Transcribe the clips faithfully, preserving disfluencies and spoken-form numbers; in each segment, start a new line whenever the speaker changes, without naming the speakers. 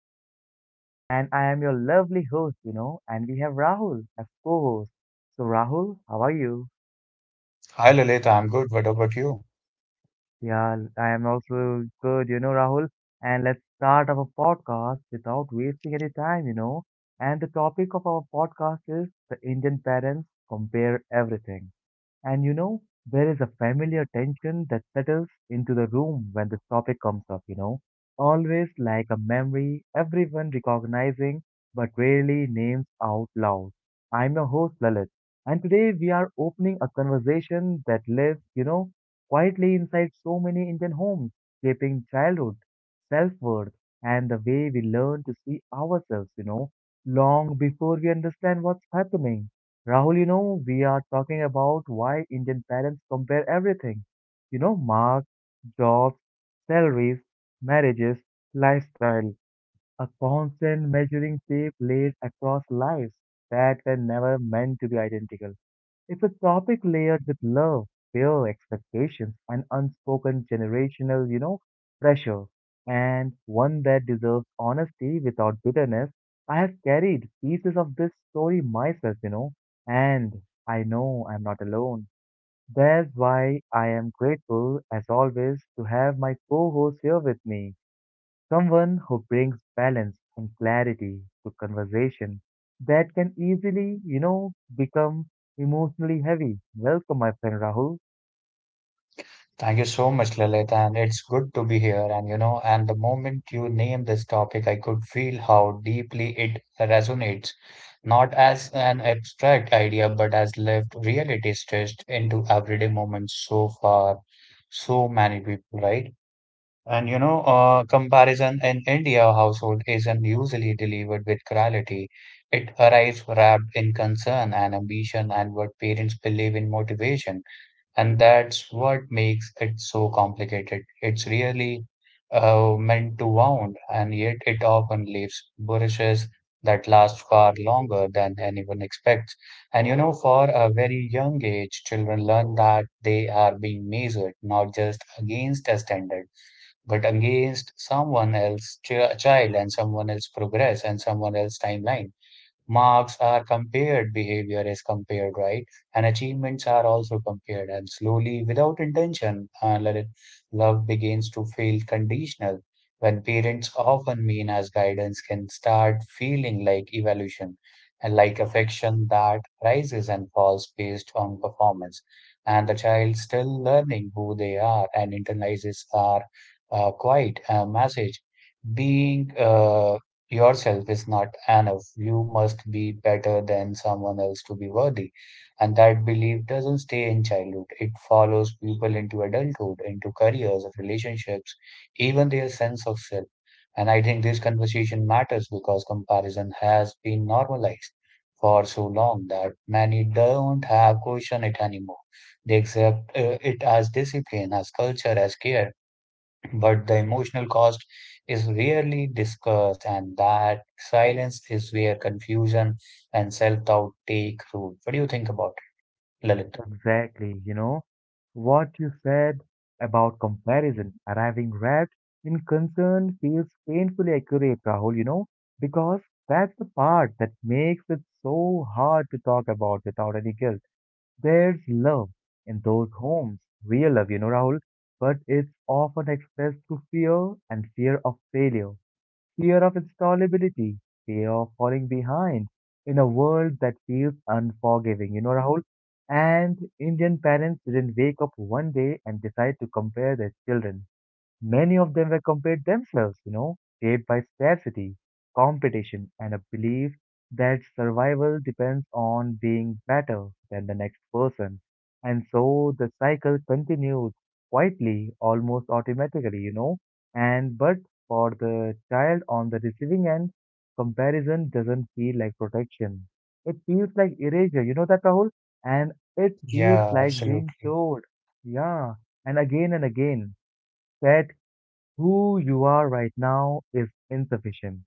is Lalit, and I am your lovely host, you know, and we have Rahul as co host. So, Rahul, how are you?
Hi Lalita, I'm good. What about you?
Yeah, I am also good, you know, Rahul. And let's start our podcast without wasting any time, you know. And the topic of our podcast is the Indian parents compare everything. And you know, there is a familiar tension that settles into the room when this topic comes up, you know. Always like a memory everyone recognizing but rarely names out loud. I'm your host Lalit, and today we are opening a conversation that lives, you know, quietly inside so many Indian homes, shaping childhood, self-worth, and the way we learn to see ourselves, you know, long before we understand what's happening. Rahul, you know, we are talking about why Indian parents compare everything. You know, marks, jobs, salaries, marriages, lifestyle, a constant measuring tape laid across lives that were never meant to be identical. It's a topic layered with love, fear, expectations, and unspoken generational, you know, pressure, and one that deserves honesty without bitterness. I have carried pieces of this story myself, you know, and I know I'm not alone. That's why I am grateful, as always, to have my co host here with me. Someone who brings balance and clarity to conversation that can easily, you know, become emotionally heavy. Welcome, my friend Rahul.
Thank you so much, Lalita, and it's good to be here. And you know, and the moment you name this topic, I could feel how deeply it resonates, not as an abstract idea, but as lived reality stretched into everyday moments so far, so many people, right? And you know, uh, comparison in India household isn't usually delivered with cruelty. It arrives wrapped in concern and ambition and what parents believe in motivation. And that's what makes it so complicated. It's really uh, meant to wound, and yet it often leaves brushes that last far longer than anyone expects. And you know, for a very young age, children learn that they are being measured not just against a standard, but against someone else's ch- child and someone else's progress and someone else's timeline. Marks are compared, behavior is compared, right? And achievements are also compared. And slowly, without intention, uh, let it- love begins to feel conditional. When parents often mean as guidance can start feeling like evolution and like affection that rises and falls based on performance. And the child still learning who they are and internalizes our uh, quiet uh, message being uh, yourself is not enough. You must be better than someone else to be worthy. And that belief doesn't stay in childhood. It follows people into adulthood, into careers, relationships, even their sense of self. And I think this conversation matters because comparison has been normalized for so long that many don't have question it anymore. They accept uh, it as discipline, as culture, as care, but the emotional cost is rarely discussed, and that silence is where confusion and self-doubt take root. What do you think about it, Lalit?
Exactly, you know, what you said about comparison arriving wrapped in concern feels painfully accurate, Rahul, you know, because that's the part that makes it so hard to talk about without any guilt. There's love in those homes, real love, you know, Rahul, but it's often expressed through fear and fear of failure, fear of installability, fear of falling behind in a world that feels unforgiving, you know, Rahul. And Indian parents didn't wake up one day and decide to compare their children. Many of them were compared themselves, you know, shaped by scarcity, competition, and a belief that survival depends on being better than the next person. And so the cycle continues quietly, almost automatically, you know. And but for the child on the receiving end, comparison doesn't feel like protection. It feels like erasure, you know that, Rahul? And it feels
Yeah,
like being
absolutely.
told, yeah, and again and again. That who you are right now is insufficient,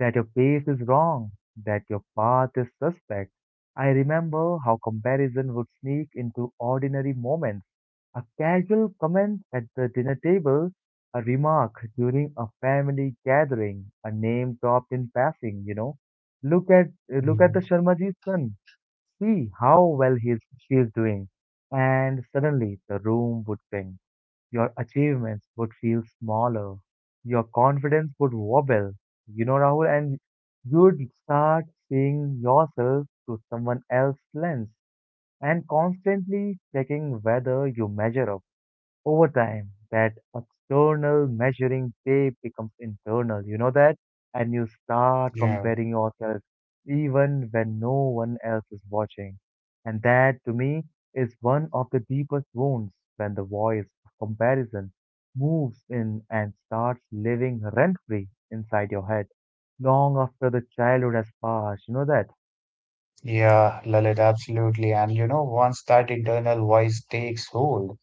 that your pace is wrong, that your path is suspect. I remember how comparison would sneak into ordinary moments. A casual comment at the dinner table, a remark during a family gathering, a name dropped in passing, you know. Look at look at the
Mm.
Sharmaji's son, see how well he's she is doing, and suddenly the room would sing. Your achievements would feel smaller. Your confidence would wobble, you know, Rahul, and you'd start seeing yourself through someone else's lens and constantly checking whether you measure up. Over time, that external measuring tape becomes internal, you know that? And you start
Yeah,
comparing yourself even when no one else is watching. And that, to me, is one of the deepest wounds, when the voice of comparison moves in and starts living rent free inside your head long after the childhood has passed. You know that?
yeah, Lalit, absolutely. And you know, once that internal voice takes hold,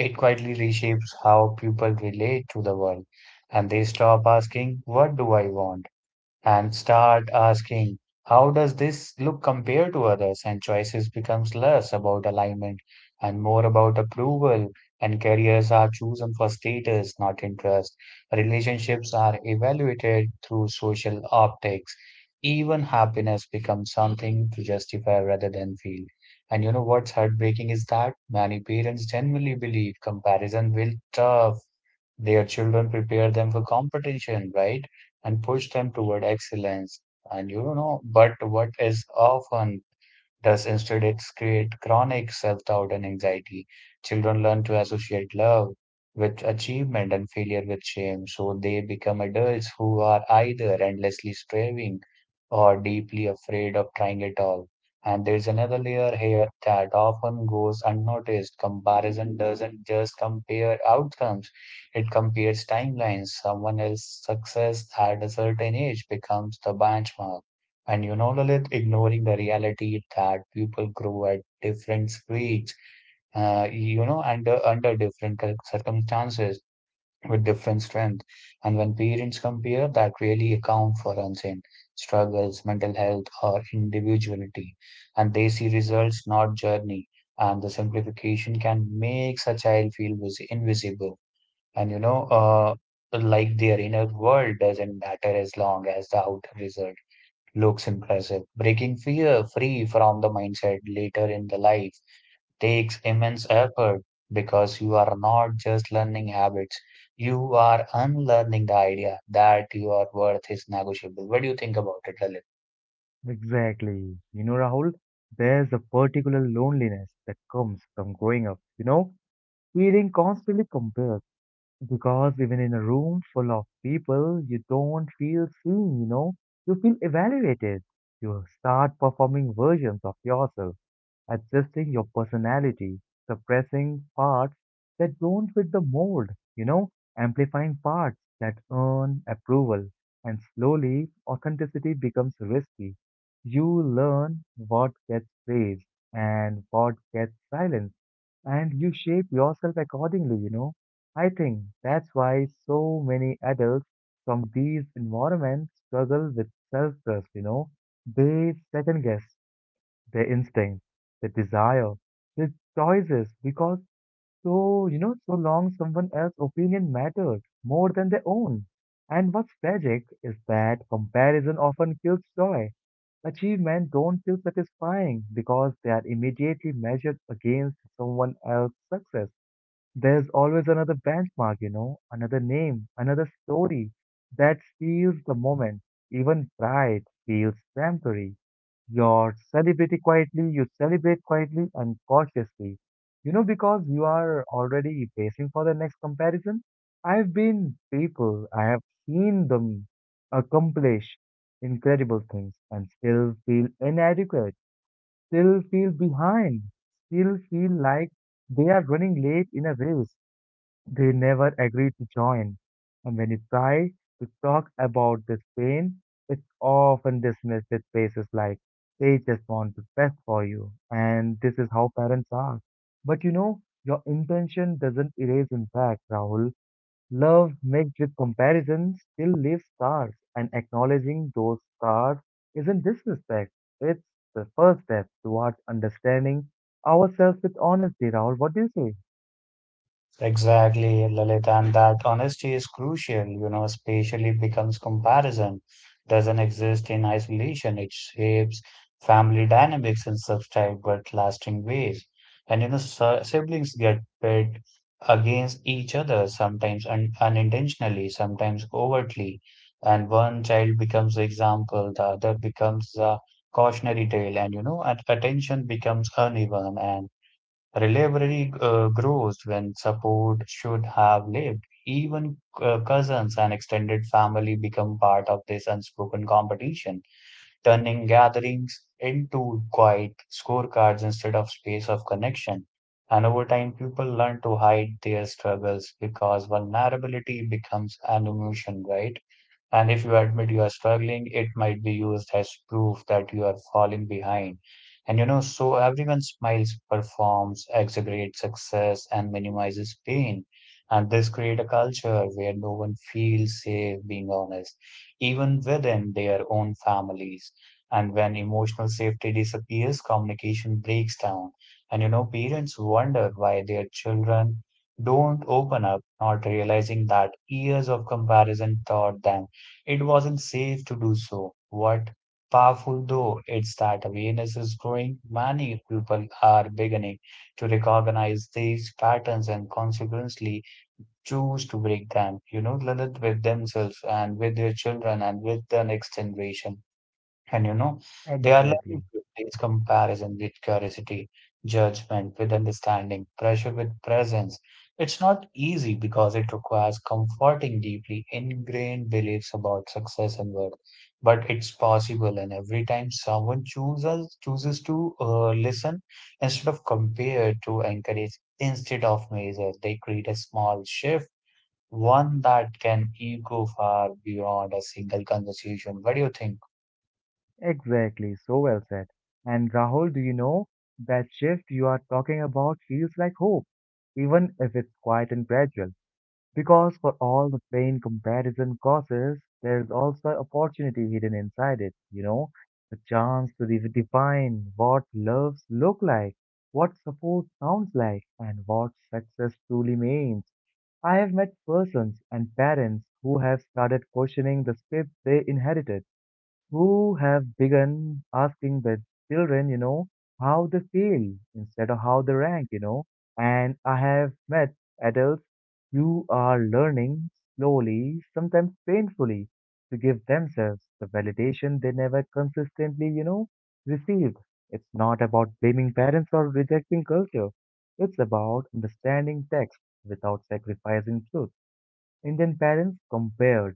it quietly reshapes how people relate to the world. And they stop asking, what do I want? And start asking, how does this look compare to others? And choices becomes less about alignment and more about approval, and careers are chosen for status, not interest. Relationships are evaluated through social optics. Even happiness becomes something to justify rather than feel. And you know what's heartbreaking is that many parents genuinely believe comparison will tough their children, prepare them for competition, right? And push them toward excellence. And you know, but what is often thus, instead, it creates chronic self-doubt and anxiety. Children learn to associate love with achievement and failure with shame, so they become adults who are either endlessly striving or deeply afraid of trying at all. And there's another layer here that often goes unnoticed. Comparison doesn't just compare outcomes, it compares timelines. Someone else's success at a certain age becomes the benchmark, and you know, Lalit, ignoring the reality that people grow at different speeds, uh, you know, under under different cir- circumstances with different strength. And when parents compare, that really account for unseen struggles, mental health, or individuality. And they see results, not journey. And the simplification can make a child feel was invisible. And you know, uh, like their inner world doesn't matter as long as the outer result looks impressive. Breaking fear free from the mindset later in the life takes immense effort because you are not just learning habits, you are unlearning the idea that your worth is negotiable. What do you think about it, Lalit?
Exactly. You know, Rahul, there's a particular loneliness that comes from growing up, you know? Feeling constantly compared, because even in a room full of people, you don't feel seen, you know, you feel evaluated. You start performing versions of yourself, adjusting your personality, suppressing parts that don't fit the mold, you know, amplifying parts that earn approval. And slowly, authenticity becomes risky. You learn what gets praised and what gets silenced, and you shape yourself accordingly, you know. I think that's why so many adults from these environments struggle with self trust, you know. They second guess their instincts, their desire, their choices because so, you know, so long someone else's opinion mattered more than their own. And what's tragic is that comparison often kills joy. Achievements don't feel satisfying because they are immediately measured against someone else's success. There's always another benchmark, you know, another name, another story that steals the moment. Even pride feels temporary. You're celebrating quietly, you celebrate quietly and cautiously. You know, because you are already pacing for the next comparison. I've been people, I have seen them accomplish incredible things and still feel inadequate, still feel behind, still feel like they are running late in a race they never agree to join, and when you try to talk about this pain, it's often dismissed with faces like, they just want the best for you, and this is how parents are. But you know, your intention doesn't erase impact, Rahul. Love mixed with comparison still leaves scars, and acknowledging those scars isn't disrespect, it's the first step towards understanding ourselves with honesty, Rahul. What do you say?
Exactly, Lalit, and that honesty is crucial, you know, especially becomes comparison doesn't exist in isolation. It shapes family dynamics in subtle but lasting ways. And you know, si- siblings get pit against each other, sometimes un unintentionally, sometimes overtly. And one child becomes the example, the other becomes the cautionary tale, and you know, at attention becomes uneven. And reliability uh, grows when support should have lived. Even uh, cousins and extended family become part of this unspoken competition, turning gatherings into quiet scorecards instead of space of connection. And over time, people learn to hide their struggles because vulnerability becomes an emotion, right? And if you admit you are struggling, it might be used as proof that you are falling behind. And you know, so everyone smiles, performs, exaggerates success, and minimizes pain. And this creates a culture where no one feels safe being honest, even within their own families. And when emotional safety disappears, communication breaks down. And you know, parents wonder why their children don't open up, not realizing that years of comparison taught them it wasn't safe to do so. What powerful though it's that awareness is growing, many people are beginning to recognize these patterns and consequently choose to break them, you know, Lalit, with themselves and with their children and with the next generation. And you know, they are learning
Exactly.
to replace comparison with curiosity, judgment with understanding, pressure with presence. It's not easy because it requires comforting deeply ingrained beliefs about success and worth, but it's possible. And every time someone chooses chooses to uh, listen instead of compare, to encourage instead of measure, they create a small shift, one that can echo far beyond a single conversation. What do you think?
Exactly, so well said. And Rahul, do you know that shift you are talking about feels like hope, even if it's quiet and gradual? Because for all the pain comparison causes, there is also opportunity hidden inside it, you know, the chance to redefine what loves look like, what support sounds like, and what success truly means. I have met persons and parents who have started questioning the script they inherited, who have begun asking their children, you know, how they feel instead of how they rank, you know. And I have met adults who are learning slowly, sometimes painfully, to give themselves the validation they never consistently, you know, received. It's not about blaming parents or rejecting culture. It's about understanding text without sacrificing truth. Indian parents compared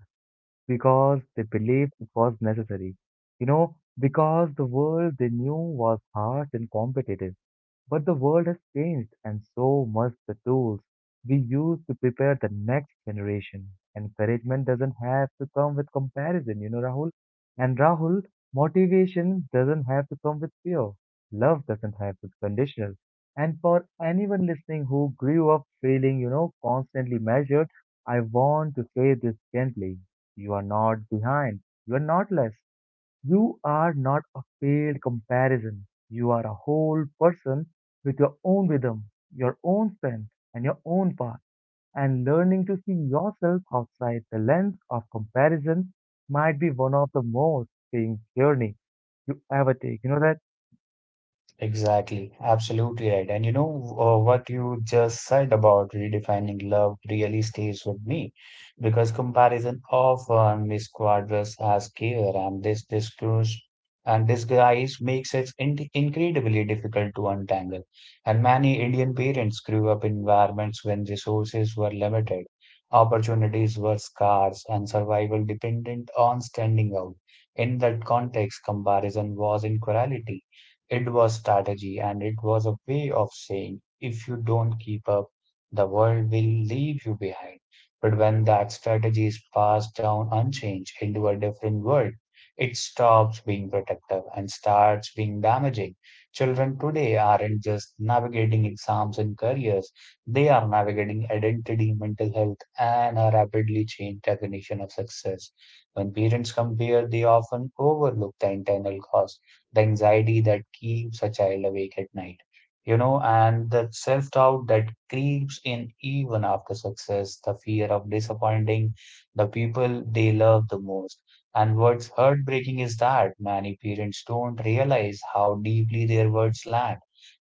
because they believed it was necessary. You know, because the world they knew was harsh and competitive. But the world has changed, and so must the tools we use to prepare the next generation. Encouragement doesn't have to come with comparison, you know, Rahul. And Rahul, motivation doesn't have to come with fear. Love doesn't have to be conditional. And for anyone listening who grew up feeling, you know, constantly measured, I want to say this gently. You are not behind. You are not less. You are not a paid comparison. You are a whole person with your own rhythm, your own strength, and your own path. And learning to see yourself outside the lens of comparison might be one of the most freeing journey you ever take. You know that?
Exactly, absolutely right. And you know uh, what you just said about redefining love really stays with me because comparison often misquadrants as care, and this discourse and disguise makes it in incredibly difficult to untangle. And many Indian parents grew up in environments when resources were limited, opportunities were scarce, and survival dependent on standing out. In that context, comparison was inequality, it was strategy, and it was a way of saying, if you don't keep up, the world will leave you behind. But when that strategy is passed down unchanged into a different world, it stops being protective and starts being damaging. Children today aren't just navigating exams and careers, they are navigating identity, mental health, and a rapidly changed definition of success. When parents compare, they often overlook the internal cost, the anxiety that keeps a child awake at night, you know, and the self doubt that creeps in even after success, the fear of disappointing the people they love the most. And what's heartbreaking is that many parents don't realize how deeply their words land.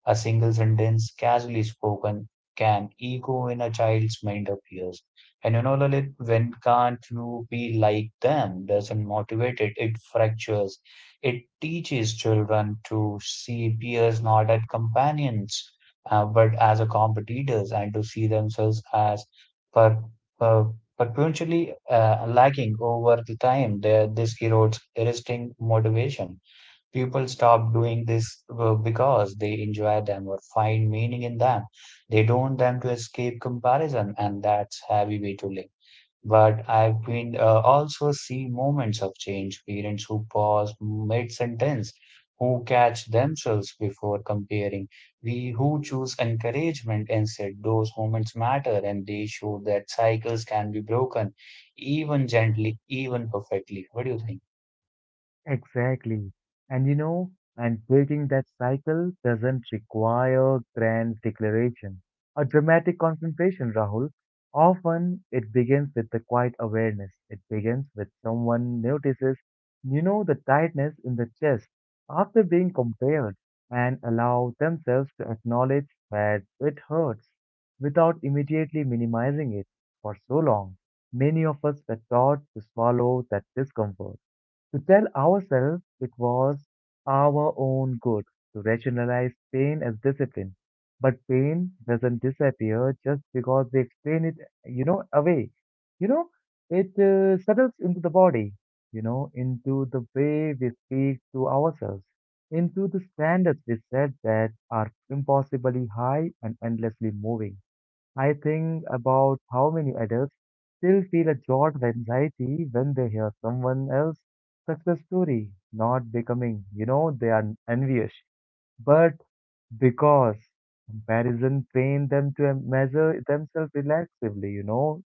A single sentence casually spoken can echo in a child's mind of years. And you know, Lalit, when can't you be like them doesn't motivate it, it fractures. It teaches children to see peers not as companions, uh, but as a competitors and to see themselves as per, per, perpetually uh, lacking over the time. There, this erodes existing motivation. People stop doing this uh, because they enjoy them or find meaning in them. They don't them to escape comparison, and that's heavy way to live. But I've been uh, also see moments of change, parents who pause mid-sentence, who catch themselves before comparing, we who choose encouragement instead. Those moments matter, and they show that cycles can be broken, even gently, even perfectly. What do you think?
Exactly. And you know, and breaking that cycle doesn't require grand declaration or dramatic confrontation, Rahul. Often it begins with the quiet awareness. It begins with someone notices, you know, the tightness in the chest after being compared, and allow themselves to acknowledge that it hurts without immediately minimizing it for so long. Many of us were taught to swallow that discomfort, to tell ourselves it was our own good, to rationalize pain as discipline. But pain doesn't disappear just because we explain it, you know, away. You know, it uh, settles into the body, you know, into the way we speak to ourselves, into the standards we set that are impossibly high and endlessly moving. I think about how many adults still feel a jolt of anxiety when they hear someone else's success story, not becoming, you know, they are envious, but because comparison trained them to em- measure themselves relaxively, you know.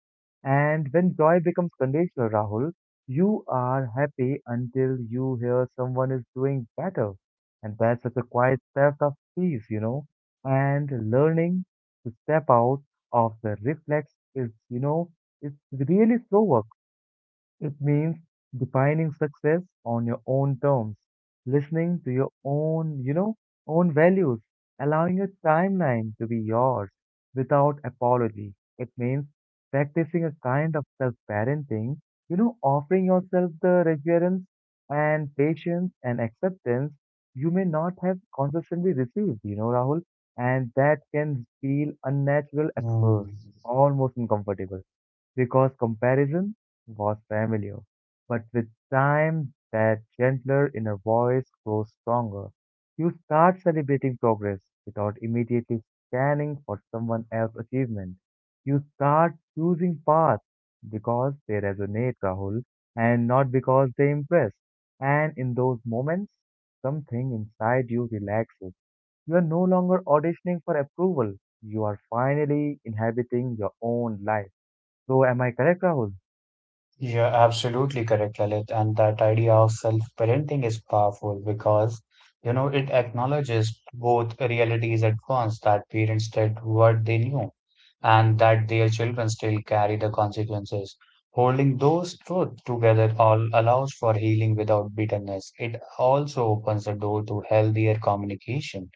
And when joy becomes conditional, Rahul, you are happy until you hear someone is doing better. And that's such a quiet theft of peace, you know. And learning to step out of the reflex is, you know, it's really slow work. It means defining success on your own terms, listening to your own, you know, own values, allowing your timeline to be yours without apology. It means practicing a kind of self-parenting, you know, offering yourself the reverence and patience and acceptance you may not have consistently received, you know, Rahul, and that can feel unnatural at
Hmm.
first, almost uncomfortable because comparison was familiar. But with time, that gentler inner voice grows stronger. You start celebrating progress without immediately scanning for someone else's achievement. You start choosing paths because they resonate, Rahul, and not because they impress. And in those moments, something inside you relaxes. You are no longer auditioning for approval. You are finally inhabiting your own life, so am I correct, Rahul?
You're absolutely correct, Lalit. And that idea of self-parenting is powerful because, you know, it acknowledges both realities at once, that parents did what they knew and that their children still carry the consequences. Holding those truths together all allows for healing without bitterness. It also opens the door to healthier communication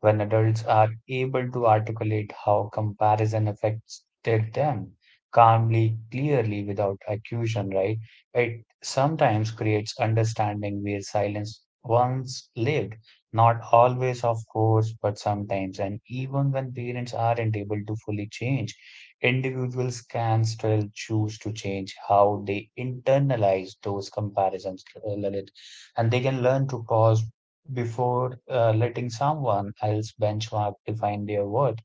when adults are able to articulate how comparison affected them calmly, clearly, without accusation, right? It sometimes creates understanding where silence once lived, not always, of course, but sometimes. And even when parents aren't able to fully change, individuals can still choose to change how they internalize those comparisons, uh, Lalit. And they can learn to pause before uh, letting someone else benchmark define their worth.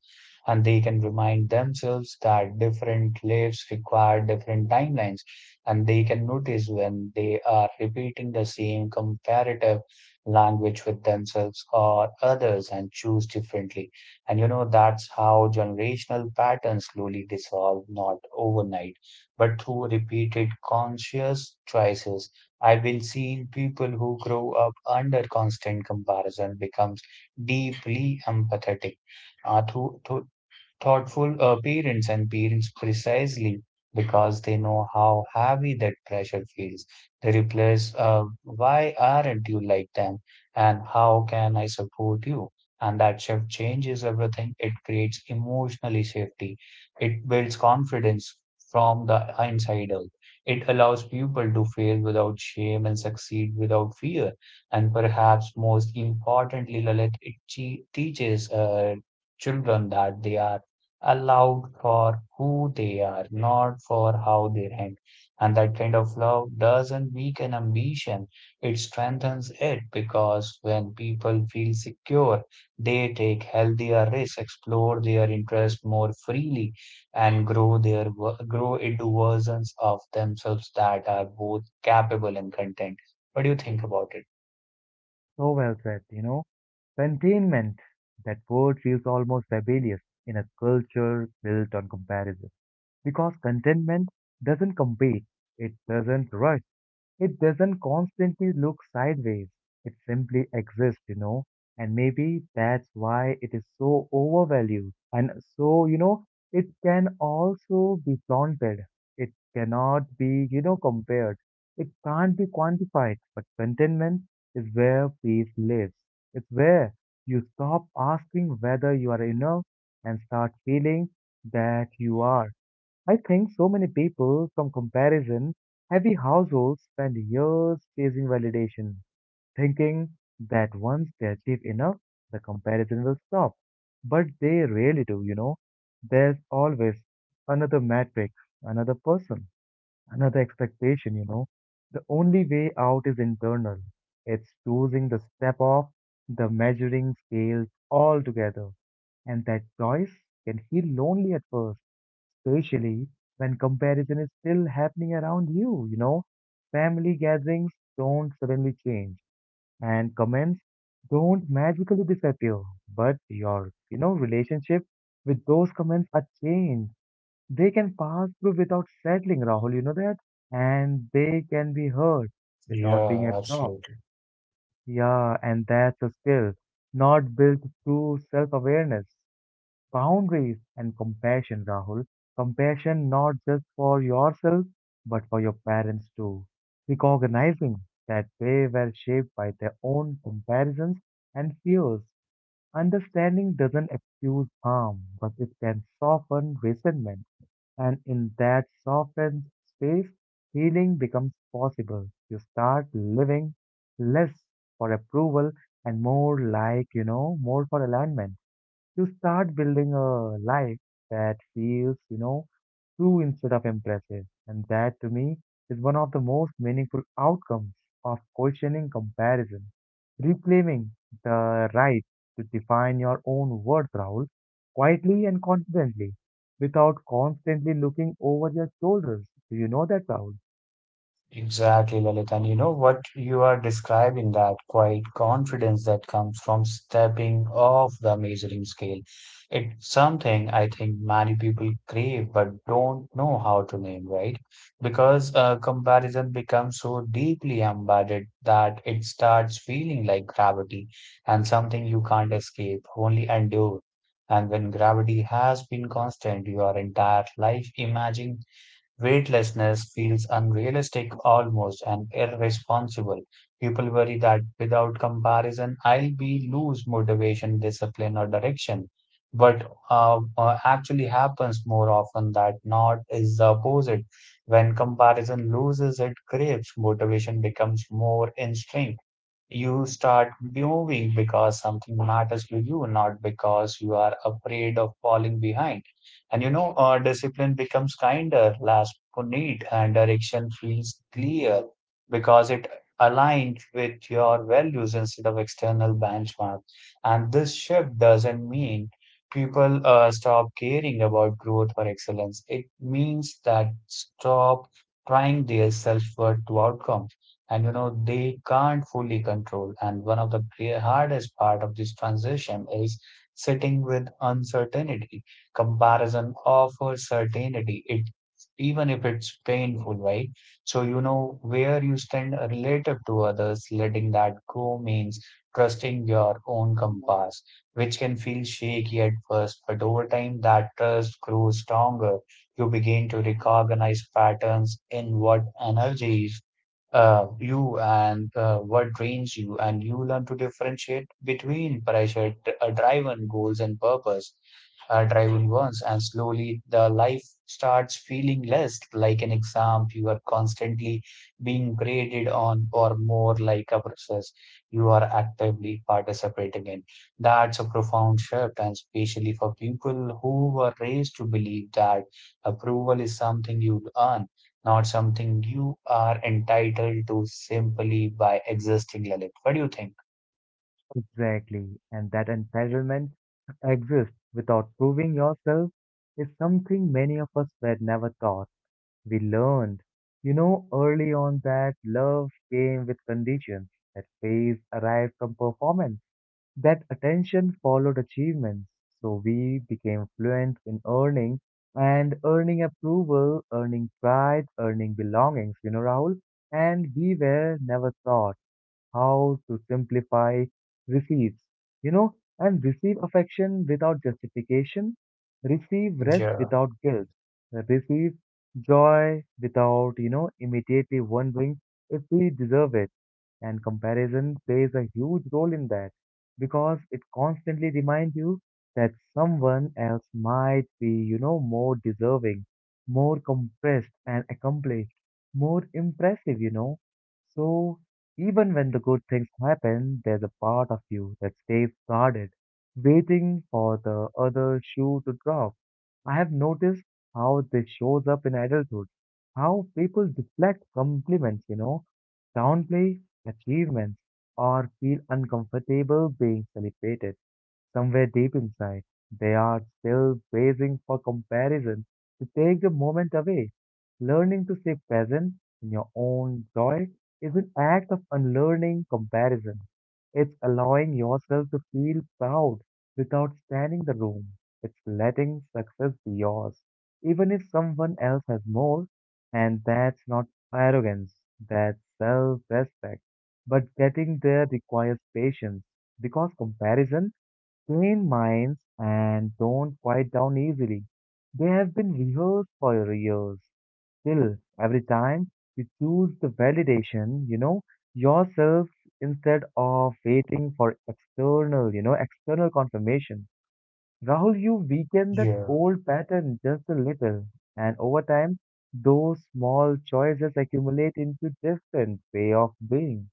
And they can remind themselves that different lives require different timelines, and they can notice when they are repeating the same comparative language with themselves or others and choose differently. And you know, that's how generational patterns slowly dissolve, not overnight, but through repeated conscious choices. I've been seeing people who grow up under constant comparison becomes deeply empathetic uh, to, to thoughtful uh, parents and parents precisely because they know how heavy that pressure feels. They replace, uh, why aren't you like them? And how can I support you? And that shift changes everything. It creates emotional safety. It builds confidence from the inside out. It allows people to fail without shame and succeed without fear. And perhaps most importantly, Lalit, it che- teaches uh, children that they are allowed for who they are, not for how they rank. And that kind of love doesn't weaken ambition, it strengthens it because when people feel secure, they take healthier risks, explore their interests more freely, and grow their grow into versions of themselves that are both capable and content. What do you think about it?
So well said, you know. Containment, that word feels almost rebellious in a culture built on comparison. Because contentment doesn't compete, it doesn't rush. It doesn't constantly look sideways. It simply exists, you know. And maybe that's why it is so overvalued. And so, you know, it can also be flaunted. It cannot be, you know, compared. It can't be quantified. But contentment is where peace lives. It's where you stop asking whether you are enough and start feeling that you are. I think so many people from comparison heavy households spend years chasing validation, thinking that once they achieve enough, the comparison will stop. But they really do, you know. There's always another metric, another person, another expectation, you know. The only way out is internal. It's choosing the step off the measuring scales altogether. And that choice can feel lonely at first, especially when comparison is still happening around you, you know. Family gatherings don't suddenly change, and comments don't magically disappear, but your, you know, relationship with those comments are changed. They can pass through without settling, Rahul, you know that? And they can be heard without being
Yeah,
absorbed.
absolutely.
Yeah, and that's a skill, not built through self-awareness, boundaries, and compassion, Rahul. Compassion not just for yourself, but for your parents too. Recognizing that they were shaped by their own comparisons and fears. Understanding doesn't excuse harm, but it can soften resentment. And in that softened space, healing becomes possible. You start living less for approval and more like, you know, more for alignment. You start building a life that feels, you know, true instead of impressive. And that, to me, is one of the most meaningful outcomes of questioning comparison. Reclaiming the right to define your own worth, Rahul, quietly and confidently, without constantly looking over your shoulders. Do you know that, Rahul?
Exactly, Lalit. And you know what you are describing, that quiet confidence that comes from stepping off the measuring scale. It's something I think many people crave but don't know how to name, right? Because uh, comparison becomes so deeply embedded that it starts feeling like gravity and something you can't escape, only endure. And when gravity has been constant your entire life, imagine weightlessness feels unrealistic, almost and irresponsible. People worry that without comparison, I'll be lose motivation, discipline, or direction. But uh, uh, actually happens more often that not is the opposite. When comparison loses, it craves motivation becomes more extreme, you start moving because something matters to you, not because you are afraid of falling behind. And you know, uh, discipline becomes kinder, less need, and direction feels clear because it aligns with your values instead of external benchmarks. And this shift doesn't mean people uh, stop caring about growth or excellence. It means that stop trying their self-worth to outcome and you know they can't fully control, and one of the gre- hardest part of this transition is sitting with uncertainty. Comparison offers certainty, it even if it's painful, right? So you know where you stand relative to others. Letting that go means trusting your own compass, which can feel shaky at first, but over time that trust grows stronger. You begin to recognize patterns in what energies uh, you and uh, what drains you, and you learn to differentiate between pressure uh, driven goals and purpose uh, driven ones. And slowly, the life starts feeling less like an exam you are constantly being graded on, or more like a process you are actively participating in. That's a profound shift, and especially for people who were raised to believe that approval is something you earn, not something you are entitled to simply by existing, Lalit. What do you think?
Exactly. And that entitlement exists without proving yourself is something many of us were never taught. We learned, you know, early on that love came with conditions, that praise arrived from performance, that attention followed achievements. So we became fluent in earning and earning approval, earning pride, earning belongings, you know, Rahul. And we were never taught how to simplify receives, you know, and receive affection without justification, receive rest
Yeah,
without guilt, receive joy without, you know, immediately wondering if we deserve it. And comparison plays a huge role in that because it constantly reminds you that someone else might be, you know, more deserving, more compressed and accomplished, more impressive, you know. So even when the good things happen, there's a part of you that stays guarded, waiting for the other shoe to drop. I have noticed how this shows up in adulthood, how people deflect compliments, you know, downplay achievements or feel uncomfortable being celebrated. Somewhere deep inside, they are still bracing for comparison to take the moment away. Learning to stay present in your own joy is an act of unlearning comparison. It's allowing yourself to feel proud without standing the room. It's letting success be yours, even if someone else has more. And that's not arrogance, that's self respect. But getting there requires patience because comparison train minds and don't quiet down easily. They have been rehearsed for years. Still, every time you choose the validation, you know, yourself instead of waiting for external, you know, external confirmation. Rahul, you weaken that
yeah.
old pattern just a little, and over time, those small choices accumulate into different way of being.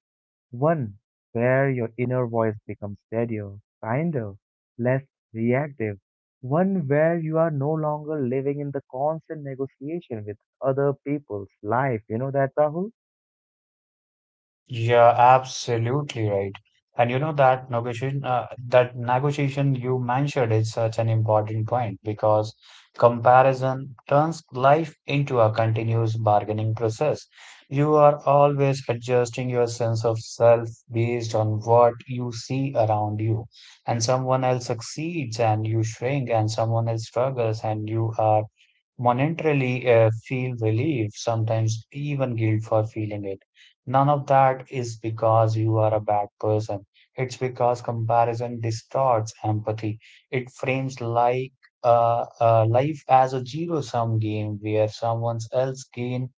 One where your inner voice becomes steadier, kinder, less reactive. One where you are no longer living in the constant negotiation with other people's life. You know that, Rahul?
Yeah, absolutely right. And you know that negotiation, uh, that negotiation you mentioned is such an important point because comparison turns life into a continuous bargaining process. You are always adjusting your sense of self based on what you see around you, and someone else succeeds and you shrink, and someone else struggles and you are monetarily uh, feel relief, sometimes even guilt for feeling it. None of that is because you are a bad person. It's because comparison distorts empathy. It frames like uh, uh, life as a zero-sum game where someone else gains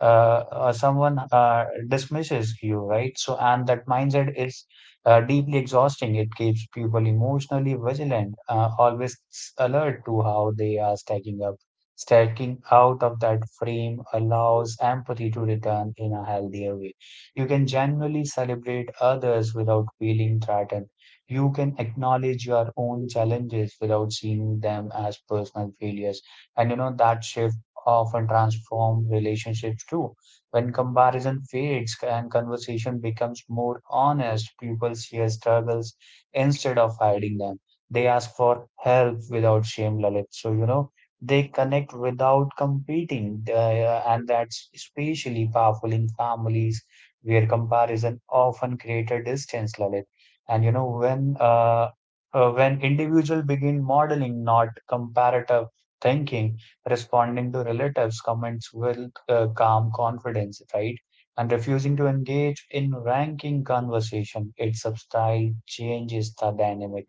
uh, uh, someone uh, dismisses you, right? So, and that mindset is uh, deeply exhausting. It keeps people emotionally vigilant, uh, always alert to how they are stacking up. Stacking out of that frame allows empathy to return in a healthier way. You can genuinely celebrate others without feeling threatened. You can acknowledge your own challenges without seeing them as personal failures. And you know, that shift often transform relationships too. When comparison fades and conversation becomes more honest, people share struggles instead of hiding them. They ask for help without shame, Lalit. So, you know, they connect without competing. Uh, and that's especially powerful in families where comparison often creates a distance, Lalit. And, you know, when uh, uh, when individuals begin modeling not comparative thinking, responding to relatives' comments with uh, calm confidence, right? And refusing to engage in ranking conversation. Its style changes the dynamic.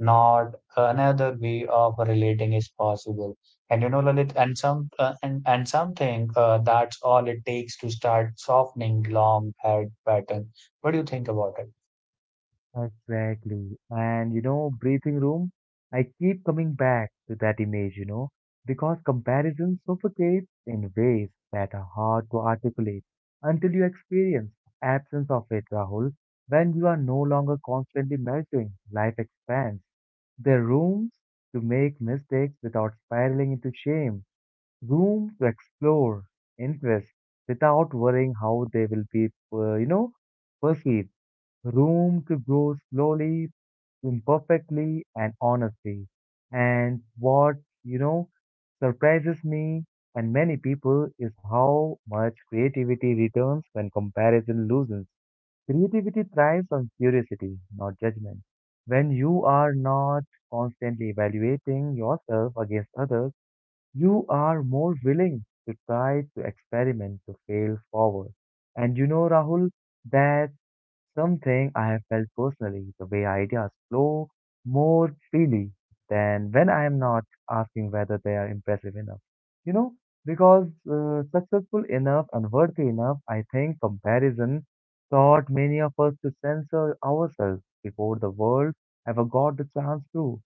Not another way of relating is possible. And you know, Lalit, and some uh, and and something uh, that's all it takes to start softening long haired pattern. What do you think about it?
Exactly. And you know, breathing room, I keep coming back to that image, you know, because comparison suffocates in ways that are hard to articulate until you experience absence of it, Rahul. When you are no longer constantly measuring, life expands. There are rooms to make mistakes without spiraling into shame, room to explore interests without worrying how they will be, uh, you know, perceived, room to grow slowly, imperfectly, and honestly. And what, you know, surprises me and many people is how much creativity returns when comparison loses. Creativity thrives on curiosity, not judgment. When you are not constantly evaluating yourself against others, you are more willing to try, to experiment, to fail forward. And you know, Rahul, that something I have felt personally, the way ideas flow more freely than when I am not asking whether they are impressive enough. You know, because uh, successful enough and worthy enough, I think comparison taught many of us to censor ourselves before the world ever got the chance to.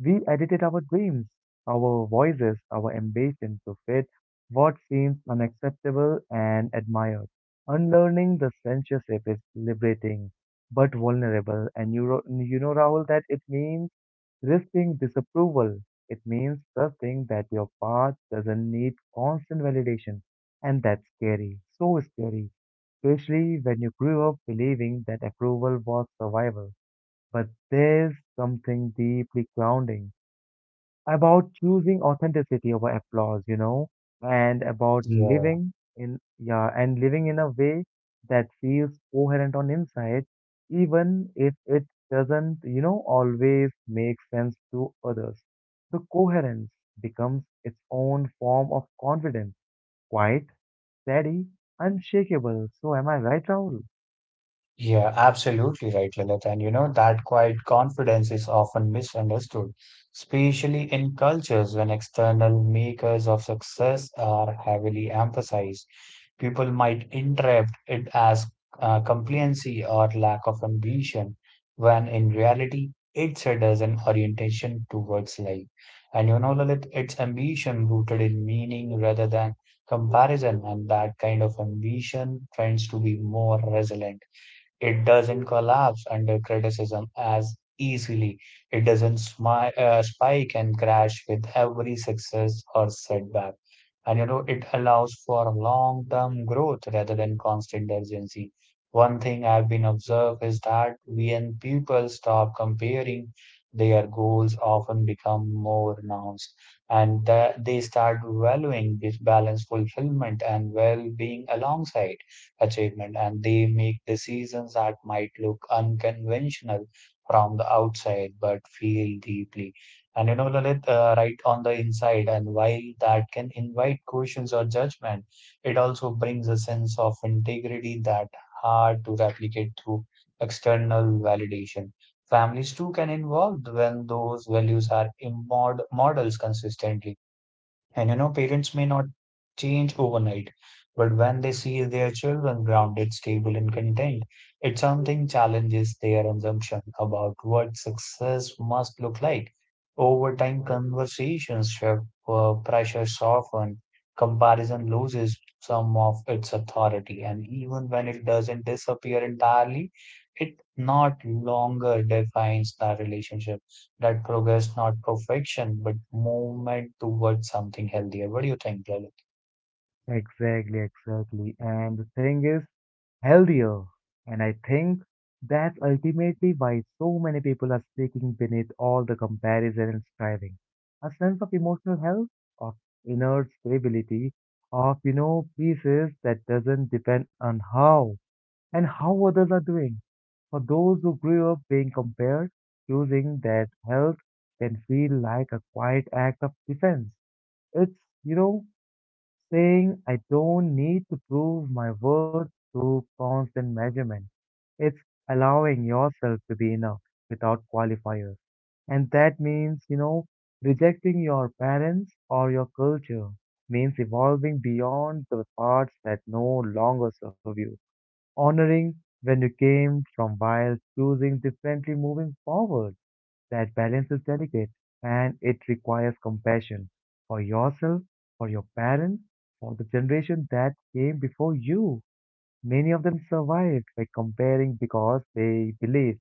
We edited our dreams, our voices, our ambition to fit what seems unacceptable and admired. Unlearning the censorship is liberating, but vulnerable. And you, ro- you know, Rahul, that it means risking disapproval. It means trusting that your path doesn't need constant validation. And that's scary, so scary, especially when you grew up believing that approval was survival. But there's something deeply grounding about choosing authenticity over applause, you know, and about
Yeah.
living in, yeah, and living in a way that feels coherent on inside, even if it doesn't, you know, always make sense to others. The coherence becomes its own form of confidence, quite steady, unshakable. So am I right, Rahul?
Yeah, absolutely right, Lilith. And you know, that quiet confidence is often misunderstood, especially in cultures when external makers of success are heavily emphasized. People might interpret it as uh, compliancy or lack of ambition, when in reality, it's a as an orientation towards life. And you know, Lilith, it's ambition rooted in meaning rather than comparison, and that kind of ambition tends to be more resilient, it doesn't collapse under criticism as easily. It doesn't smi- uh, spike and crash with every success or setback. And you know, it allows for long term growth rather than constant urgency. One thing I've been observed is that when people stop comparing, their goals often become more nuanced, and that they start valuing this balance fulfillment and well being alongside achievement, and they make decisions that might look unconventional from the outside but feel deeply. And you know, Lalit, uh, right on the inside, and while that can invite questions or judgment, it also brings a sense of integrity that hard to replicate through external validation. Families too can involve when those values are immod models consistently, and you know, parents may not change overnight, but when they see their children grounded, stable, and content, it something challenges their assumption about what success must look like. Over time, conversations shift, uh, pressure soften, comparison loses some of its authority, and even when it doesn't disappear entirely, it not longer defines the relationship that progress, not perfection, but movement towards something healthier. What do you think, Lalit?
Exactly, exactly. And the thing is, healthier. And I think that's ultimately why so many people are seeking beneath all the comparison and striving. A sense of emotional health, of inner stability, of, you know, pieces that doesn't depend on how and how others are doing. For those who grew up being compared, choosing that health can feel like a quiet act of defense. It's, you know, saying I don't need to prove my worth through constant measurement. It's allowing yourself to be enough without qualifiers. And that means, you know, rejecting your parents or your culture means evolving beyond the parts that no longer serve you, honoring when you came from while choosing differently moving forward. That balance is delicate, and it requires compassion for yourself, for your parents, for the generation that came before you. Many of them survived by comparing because they believed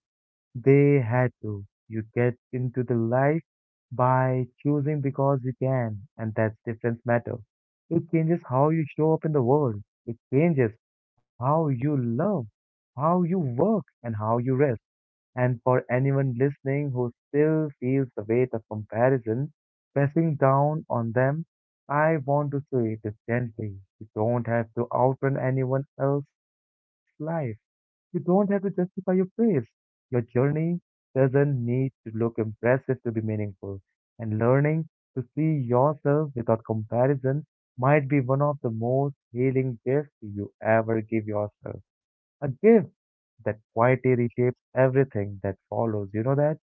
they had to. You get into the life by choosing because you can, and that's difference matter. It changes how you show up in the world. It changes how you love, how you work, and how you rest. And for anyone listening who still feels the weight of comparison pressing down on them, I want to say this gently. You don't have to outrun anyone else's life. You don't have to justify your praise. Your journey doesn't need to look impressive to be meaningful, and learning to see yourself without comparison might be one of the most healing gifts you ever give yourself. A gift that quietly reshapes everything that follows. You know that?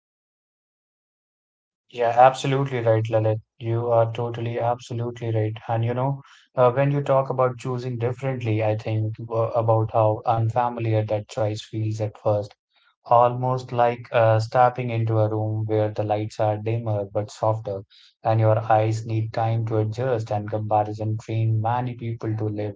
Yeah, absolutely right, Lalit. You are totally, absolutely right. And you know, uh, when you talk about choosing differently, I think uh, about how unfamiliar that choice feels at first. Almost like uh, stepping into a room where the lights are dimmer but softer, and your eyes need time to adjust. And comparison train many people to live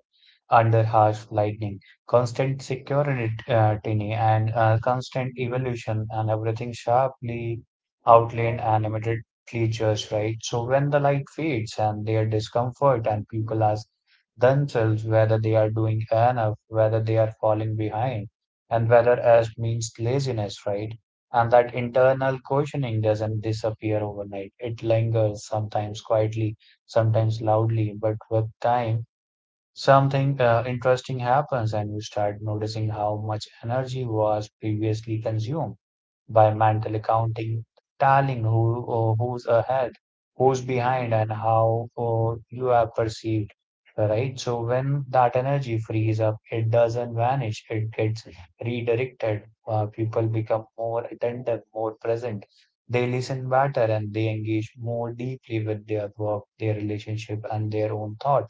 under harsh lightning, constant security, uh, tiny and uh, constant evolution, and everything sharply outlined and animated features, right? So when the light fades and their discomfort, and people ask themselves whether they are doing enough, whether they are falling behind and whether as means laziness, right? And that internal questioning doesn't disappear overnight. It lingers sometimes quietly, sometimes loudly, but with time, something uh, interesting happens and you start noticing how much energy was previously consumed by mental accounting, telling who uh, who's ahead, who's behind, and how uh, you have perceived, right? So when that energy frees up, it doesn't vanish; it gets redirected. Uh, people become more attentive, more present. They listen better and they engage more deeply with their work, their relationship, and their own thought.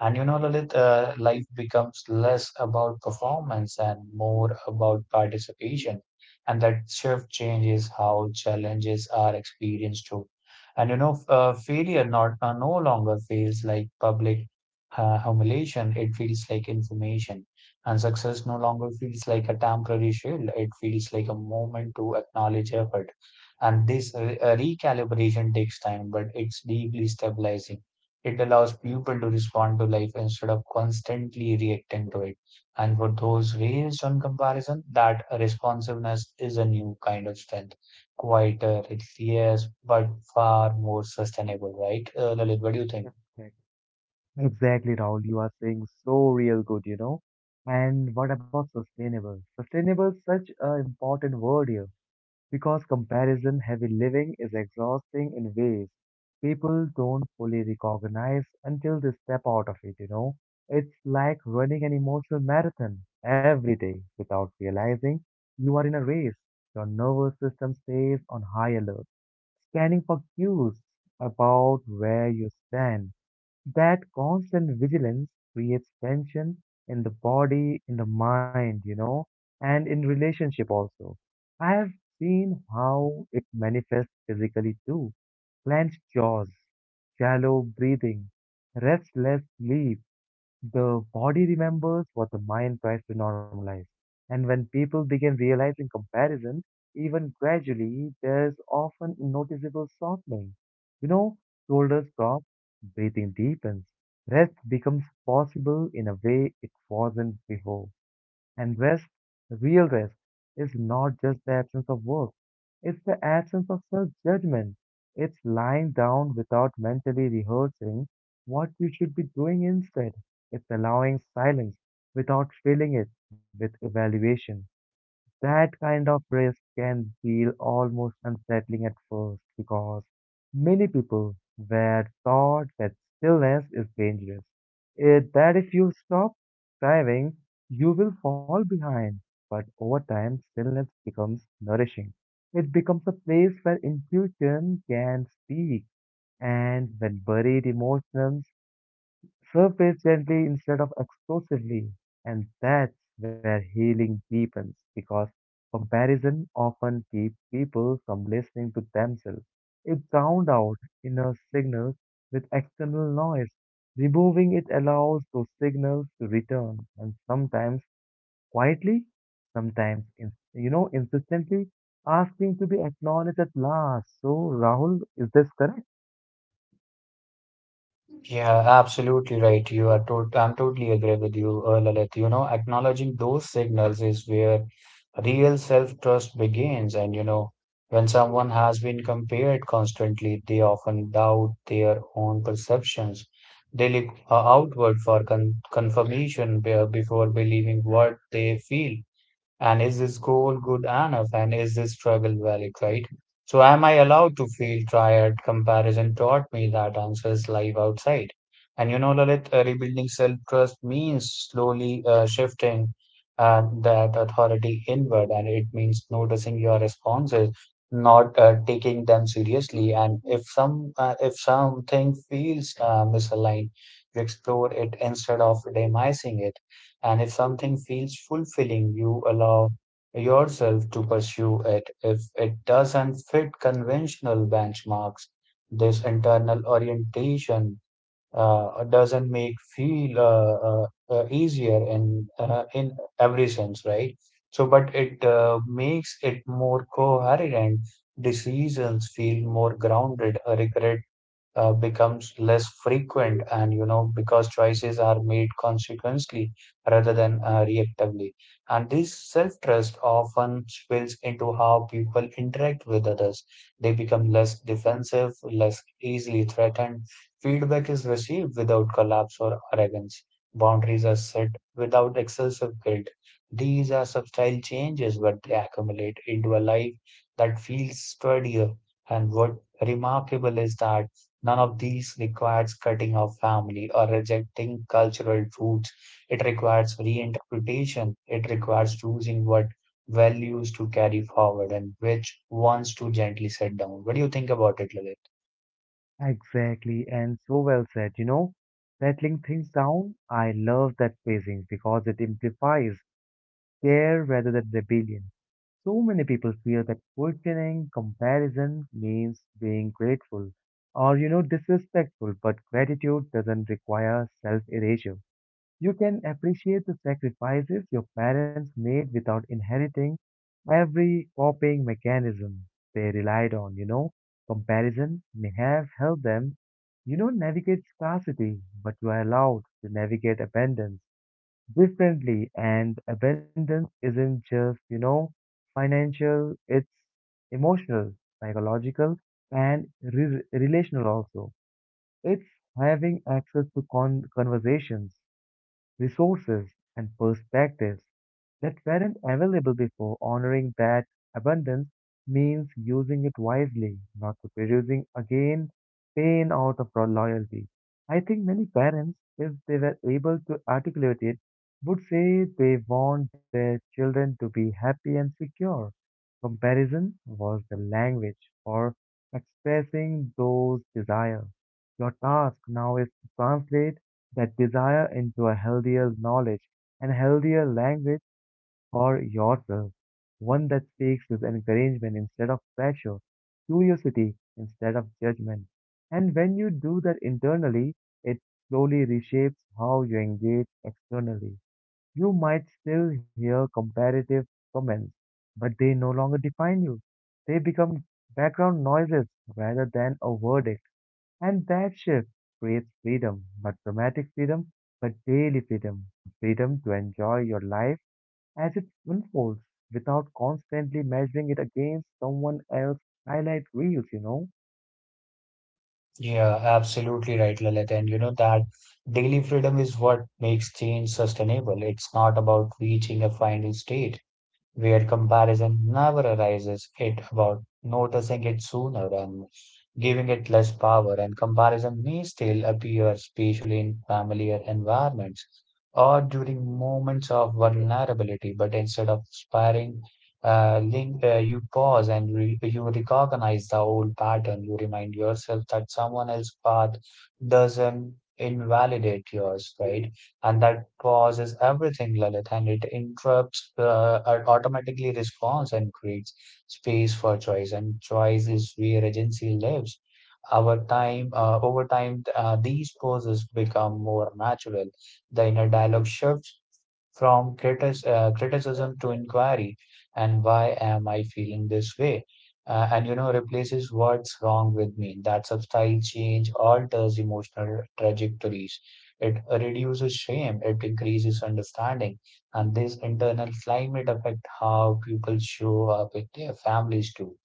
And you know, Lalit, uh, life becomes less about performance and more about participation, and that shift changes how challenges are experienced too. And you know, f- uh, failure not uh, no longer feels like public uh, humiliation; it feels like information. And success no longer feels like a temporary shield; it feels like a moment to acknowledge effort. And this re- uh, recalibration takes time, but it's deeply stabilizing. It allows people to respond to life instead of constantly reacting to it. And for those raised on comparison, that responsiveness is a new kind of strength. Quieter, it's yes, but far more sustainable, right? Uh, Lalit, what do you think?
Exactly. Exactly, Rahul. You are saying so real good, you know. And what about sustainable? Sustainable is such an important word here because comparison heavy living is exhausting in ways people don't fully recognize until they step out of it, you know. It's like running an emotional marathon every day without realizing you are in a race. Your nervous system stays on high alert, scanning for cues about where you stand. That constant vigilance creates tension in the body, in the mind, you know, and in relationship also. I have seen how it manifests physically too. Clenched jaws, shallow breathing, restless sleep, the body remembers what the mind tries to normalize. And when people begin realizing comparison, even gradually, there's often noticeable softening. You know, Shoulders drop, breathing deepens, rest becomes possible in a way it wasn't before. And rest, real rest, is not just the absence of work, it's the absence of self judgment. It's lying down without mentally rehearsing what you should be doing instead. It's allowing silence without filling it with evaluation. That kind of risk can feel almost unsettling at first because many people were taught that stillness is dangerous. It, that if you stop striving, you will fall behind. But over time, stillness becomes nourishing. It becomes a place where intuition can speak, and when buried emotions serve patiently instead of explosively, and that's where healing deepens because comparison often keeps people from listening to themselves. It drowned out inner signals with external noise. Removing it allows those signals to return, and sometimes quietly, sometimes in, you know insistently, asking to be acknowledged at last. So, Rahul, is this correct?
Yeah, absolutely right. You are tot I'm totally agree with you, uh, Lalit. You know, acknowledging those signals is where real self-trust begins. And you know, when someone has been compared constantly, they often doubt their own perceptions. They look uh, outward for con confirmation be- before believing what they feel. And is this goal good enough? And is this struggle valid, right? So am I allowed to feel tired? Comparison taught me that answers live outside. And you know, Lalit, uh, rebuilding self-trust means slowly uh, shifting uh, that authority inward, and it means noticing your responses, not uh, taking them seriously. And if some uh, if something feels uh, misaligned, you explore it instead of demising it. And if something feels fulfilling, you allow yourself to pursue it. If it doesn't fit conventional benchmarks, this internal orientation uh, doesn't make feel uh, uh, uh, easier in uh, in every sense, right? So, but it uh, makes it more coherent. Decisions feel more grounded. uh, Regret uh, becomes less frequent, and you know because choices are made consequently rather than uh, reactively, and this self-trust often spills into how people interact with others. They become less defensive, less easily threatened. Feedback is received without collapse or arrogance. Boundaries are set without excessive guilt. These are subtle changes, but they accumulate into a life that feels sturdier. And what remarkable is that none of these requires cutting off family or rejecting cultural roots. It requires reinterpretation. It requires choosing what values to carry forward and which ones to gently set down. What do you think about it, Lalit?
Exactly, and so well said, you know. Settling things down, I love that phrasing because it implies care rather than rebellion. So many people feel that questioning comparison means being grateful or, you know, disrespectful, but gratitude doesn't require self erasure. You can appreciate the sacrifices your parents made without inheriting every coping mechanism they relied on, you know. Comparison may have helped them, you know, navigate scarcity, but you are allowed to navigate abundance differently. And abundance isn't just, you know, financial, it's emotional, psychological, and re- relational also. It's having access to con- conversations, resources, and perspectives that weren't available before. Honoring that abundance means using it wisely, not reproducing again pain out of our loyalty. I think many parents, if they were able to articulate it, would say they want their children to be happy and secure. Comparison was the language for expressing those desires. Your task now is to translate that desire into a healthier knowledge and healthier language for yourself, one that speaks with encouragement instead of pressure, curiosity instead of judgment. And when you do that internally, it slowly reshapes how you engage externally. You might still hear comparative comments, but they no longer define you. They become background noises rather than a verdict. And that shift creates freedom, not dramatic freedom, but daily freedom. Freedom to enjoy your life as it unfolds without constantly measuring it against someone else's highlight reels, you know?
Yeah, absolutely right, Lalit. And you know that daily freedom is what makes change sustainable. It's not about reaching a final state. Weird comparison never arises. It about noticing it sooner and giving it less power, and comparison may still appear, especially in familiar environments or during moments of vulnerability. But instead of aspiring, uh, link, uh, you pause and re you recognize the old pattern. You remind yourself that someone else's path doesn't invalidate yours, right? And that pauses everything, Lalit, and it interrupts, uh, it automatically responds and creates space for choice. And choice is where agency lives. Our time, uh, over time, uh, these pauses become more natural. The inner dialogue shifts from critis- uh, criticism to inquiry. And why am I feeling this way? Uh, and you know, replaces what's wrong with me. That subtle change alters emotional trajectories. It reduces shame, it increases understanding. And this internal climate affects how people show up with their families too,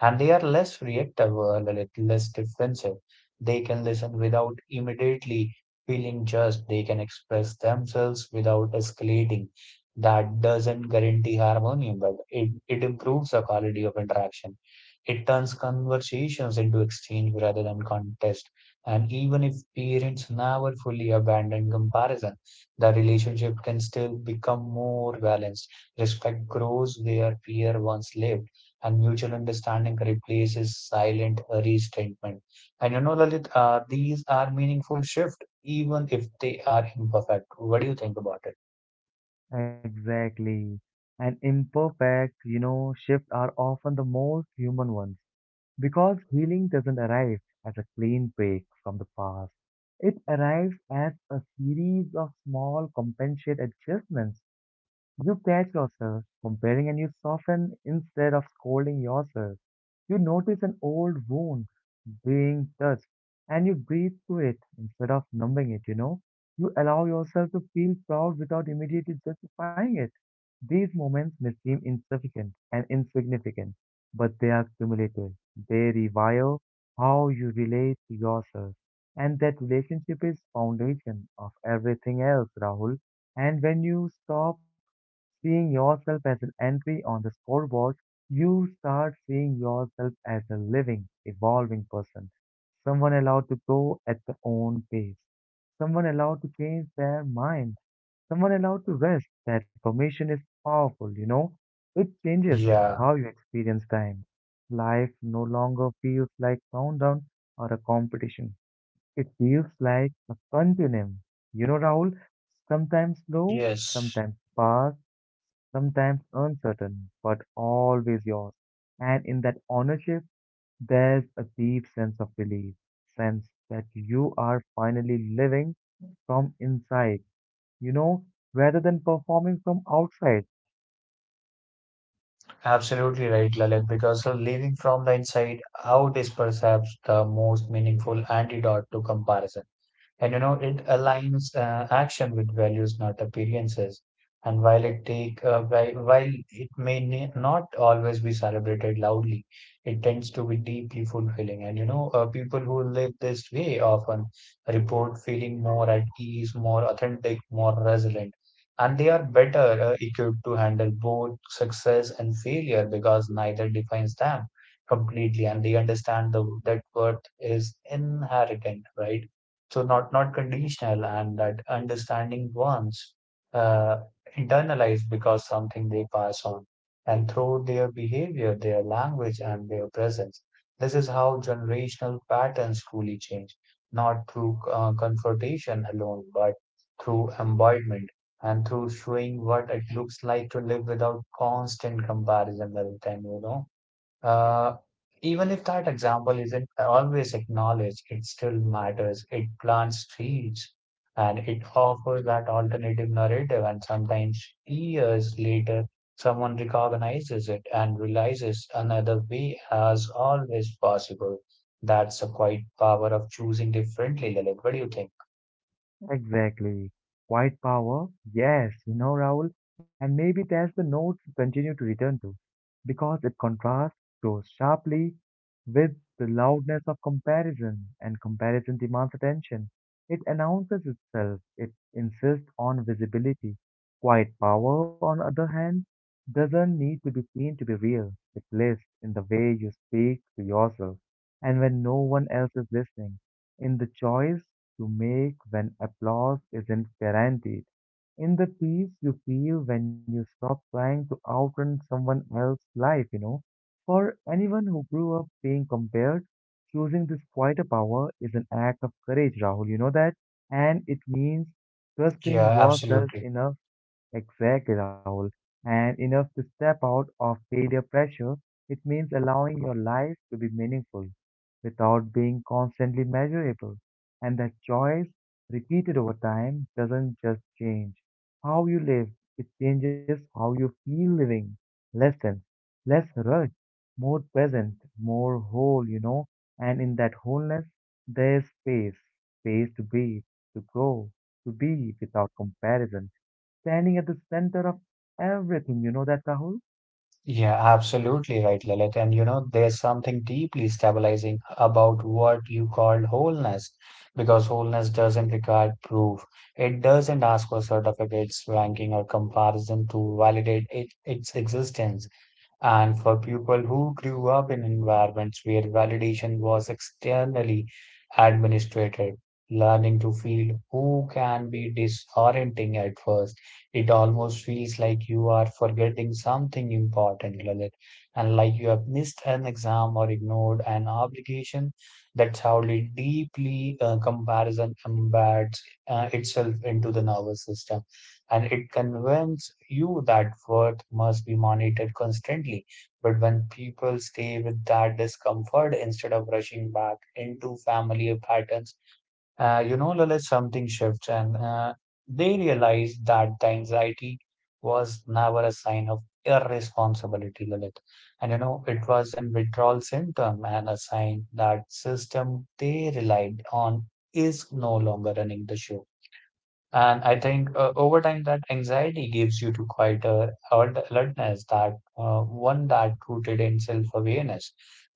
and they are less reactive or le- less defensive. They can listen without immediately feeling judged. They can express themselves without escalating. That doesn't guarantee harmony, but it, it improves the quality of interaction. It turns conversations into exchange rather than contest. And even if parents never fully abandon comparison, the relationship can still become more balanced. Respect grows where fear once lived and mutual understanding replaces silent restatement. And you know, Lalit, uh, these are meaningful shift, even if they are imperfect. What do you think about it?
Exactly. And imperfect, you know, shifts are often the most human ones because healing doesn't arrive as a clean break from the past. It arrives as a series of small compensate adjustments. You catch yourself comparing and you soften instead of scolding yourself. You notice an old wound being touched and you breathe through it instead of numbing it, you know. You allow yourself to feel proud without immediately justifying it. These moments may seem insufficient and insignificant, but they are cumulative. They rewire how you relate to yourself. And that relationship is foundation of everything else, Rahul. And when you stop seeing yourself as an entry on the scoreboard, you start seeing yourself as a living, evolving person, someone allowed to grow at their own pace, someone allowed to change their mind, someone allowed to rest. That permission is powerful, you know. It changes
Yeah,
how you experience time. Life no longer feels like countdown or a competition. It feels like a continuum. You know, Rahul, sometimes slow,
yes,
sometimes fast, sometimes uncertain, but always yours. And in that ownership, there's a deep sense of relief, sense that you are finally living from inside you know, rather than performing from outside.
absolutely right, Lalit, because uh, living from the inside out is perhaps the most meaningful antidote to comparison. And you know, it aligns uh, action with values, not appearances. And while it take uh, whi- while it may ne- not always be celebrated loudly, it tends to be deeply fulfilling. And you know, uh, people who live this way often report feeling more at ease, more authentic, more resilient, and they are better uh, equipped to handle both success and failure because neither defines them completely, and they understand the, that worth is inherent, right? So not not conditional. And that understanding ones uh, internalized because something they pass on and through their behavior, their language, and their presence. This is how generational patterns truly change, not through uh, confrontation alone, but through embodiment and through showing what it looks like to live without constant comparison all the time, you know uh, even if that example isn't always acknowledged, it still matters. It plants seeds and it offers that alternative narrative. And sometimes years later, someone recognizes it and realizes another way as always possible. That's a quite power of choosing differently, Lalit. What do you think?
Exactly. Quiet power? Yes, you know, Rahul, and maybe that's the notes we continue to return to, because it contrasts so sharply with the loudness of comparison, and comparison demands attention. It announces itself, it insists on visibility. Quiet power, on the other hand, doesn't need to be seen to be real. It lives in the way you speak to yourself and when no one else is listening, in the choice you make when applause isn't guaranteed, in the peace you feel when you stop trying to outrun someone else's life, you know. For anyone who grew up being compared, choosing this quieter power is an act of courage, Rahul, you know that? And it means
Yeah,
trusting yourself
absolutely.
enough. Exactly, Rahul. And enough to step out of failure pressure, it means allowing your life to be meaningful without being constantly measurable. And that choice, repeated over time, doesn't just change how you live, it changes how you feel living. Less tense, less rush, more present, more whole, you know. And in that wholeness, there's space, space to be, to grow, to be without comparison standing at the center of everything. You know that, Rahul?
Yeah, absolutely right, Lilith. And you know, there's something deeply stabilizing about what you called wholeness, because wholeness doesn't require proof. It doesn't ask for certificates, ranking, or comparison to validate it, its existence. And for people who grew up in environments where validation was externally administrated, learning to feel who can be disorienting at first. It almost feels like you are forgetting something important, Lalit, and like you have missed an exam or ignored an obligation. That's how li- deeply uh, comparison embeds uh, itself into the nervous system, and it convinces you that worth must be monitored constantly. But when people stay with that discomfort instead of rushing back into familiar patterns, uh, you know, Lalit, something shifts and uh, they realize that the anxiety was never a sign of irresponsibility, Lalit. And you know, it was an withdrawal symptom and a sign that system they relied on is no longer running the show. And I think uh, over time that anxiety gives you to quite a alert- alertness that uh, one that rooted in self-awareness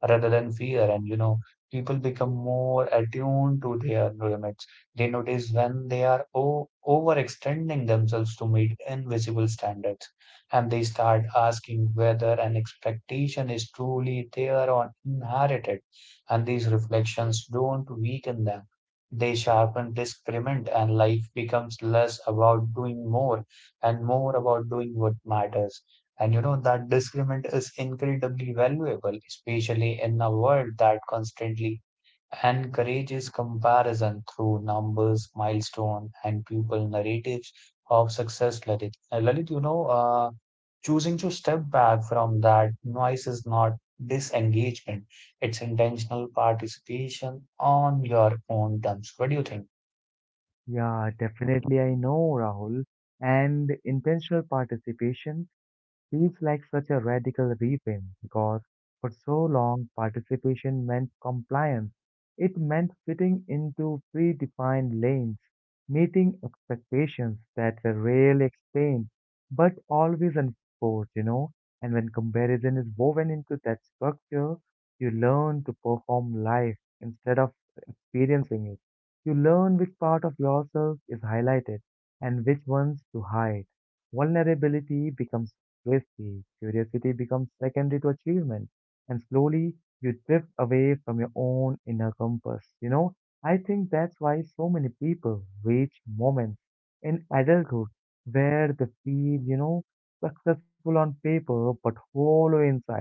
rather than fear. And you know, people become more attuned to their limits. They notice when they are o overextending themselves to meet invisible standards, and they start asking whether an expectation is truly their or inherited. And these reflections don't weaken them, they sharpen discernment, and life becomes less about doing more and more about doing what matters. And you know that discernment is incredibly valuable, especially in a world that constantly and courage is comparison through numbers, milestone, and people narratives of success, Lalit. Uh, Lalit, you know, uh, choosing to step back from that noise is not disengagement, it's intentional participation on your own terms. What do you think?
Yeah, definitely I know, Rahul. And intentional participation feels like such a radical reframe because for so long participation meant compliance. It meant fitting into predefined lanes, meeting expectations that were rarely explained but always enforced, you know. And when comparison is woven into that structure, you learn to perform life instead of experiencing it. You learn which part of yourself is highlighted and which ones to hide. Vulnerability becomes risky, curiosity becomes secondary to achievement, and slowly you drift away from your own inner compass. You know, I think that's why so many people reach moments in adulthood where they feel, you know, successful on paper but hollow inside,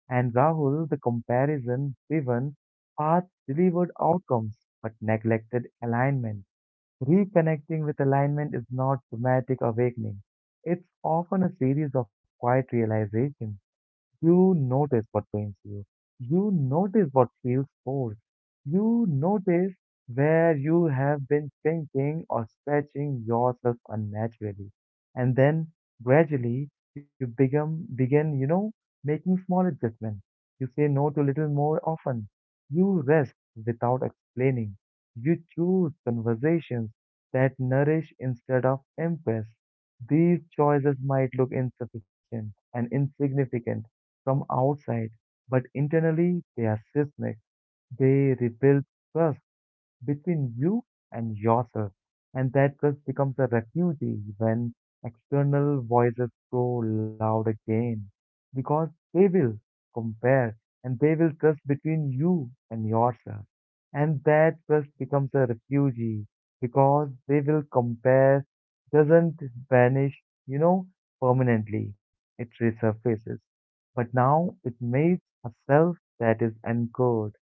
and Rahul, the comparison driven paths delivered outcomes but neglected alignment. Reconnecting with alignment is not dramatic awakening. It's often a series of quiet realizations. You notice what pains you. You notice what feels forced. You notice where you have been thinking or stretching yourself unnaturally. And then gradually you begin, begin, you know, making small adjustments. You say no to little more often. You rest without explaining. You choose conversations that nourish instead of impress. These choices might look insufficient and insignificant from outside, but internally they are seismic. They rebuild trust between you and yourself. And that trust becomes a refugee when external voices grow loud again. Because they will compare, and they will trust between you and yourself. And that trust becomes a refugee because they will compare doesn't vanish, you know, permanently. It resurfaces. But now it makes a self that is anchored,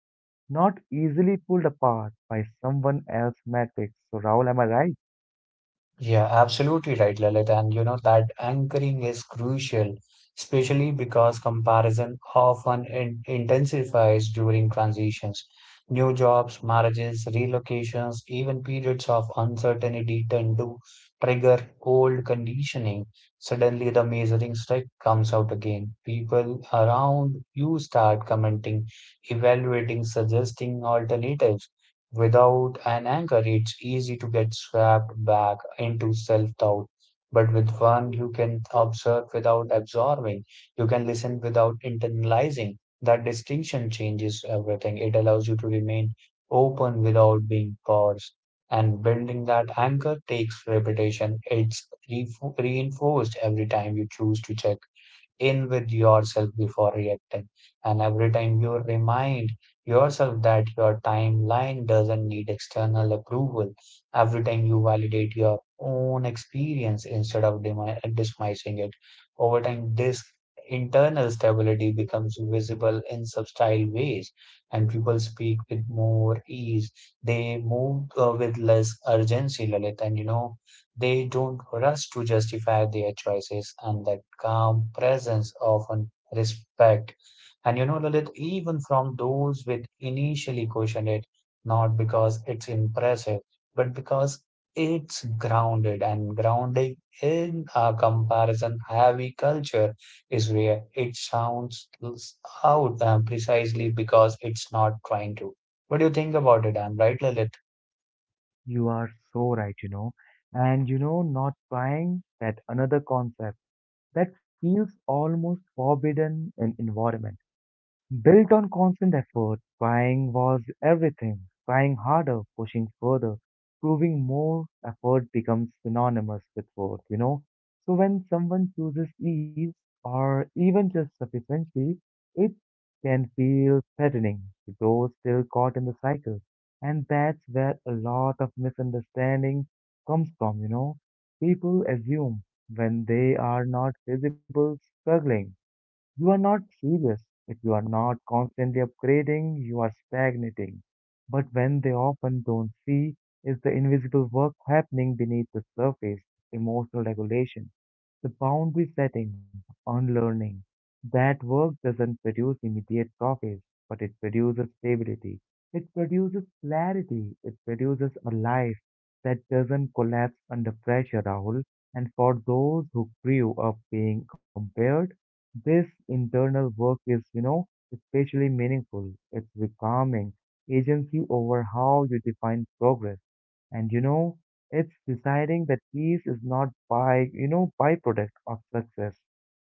not easily pulled apart by someone else's metrics. So, Raul, am I right?
Yeah, absolutely right, Lalit. And you know that anchoring is crucial, especially because comparison often in intensifies during transitions. New jobs, marriages, relocations, even periods of uncertainty tend to trigger old conditioning. Suddenly, the measuring stick comes out again. People around you start commenting, evaluating, suggesting alternatives. Without an anchor, it's easy to get swept back into self doubt. But with one, you can observe without absorbing, you can listen without internalizing. That distinction changes everything. It allows you to remain open without being coerced. And building that anchor takes repetition. It's re- reinforced every time you choose to check in with yourself before reacting. And every time you remind yourself that your timeline doesn't need external approval, every time you validate your own experience instead of demi- dismissing it, over time, this internal stability becomes visible in subtle ways, and people speak with more ease. They move uh, with less urgency, Lalit. And you know, they don't rush to justify their choices, and that calm presence often respect. And you know, Lalit, even from those with initially questioned it, not because it's impressive, but because it's grounded, and grounding in a comparison heavy culture is where it sounds out um, precisely because it's not trying to. What do you think about it? I'm right, Lalit.
You are so right, you know. And you know, not trying that another concept that feels almost forbidden in environment. Built on constant effort, crying was everything. Crying harder, pushing further, proving more effort becomes synonymous with worth, you know? So when someone chooses ease or even just sufficiency, it can feel threatening to those still caught in the cycle. And that's where a lot of misunderstanding comes from, you know? People assume when they are not visible struggling, you are not serious. If you are not constantly upgrading, you are stagnating. But when they often don't see is the invisible work happening beneath the surface, emotional regulation, the boundary setting on learning, that work doesn't produce immediate profits, but it produces stability. It produces clarity. It produces a life that doesn't collapse under pressure, Rahul. And for those who grew up being compared, this internal work is, you know, especially meaningful. It's becoming agency over how you define progress. And you know, it's deciding that peace is not by, you know, byproduct of success,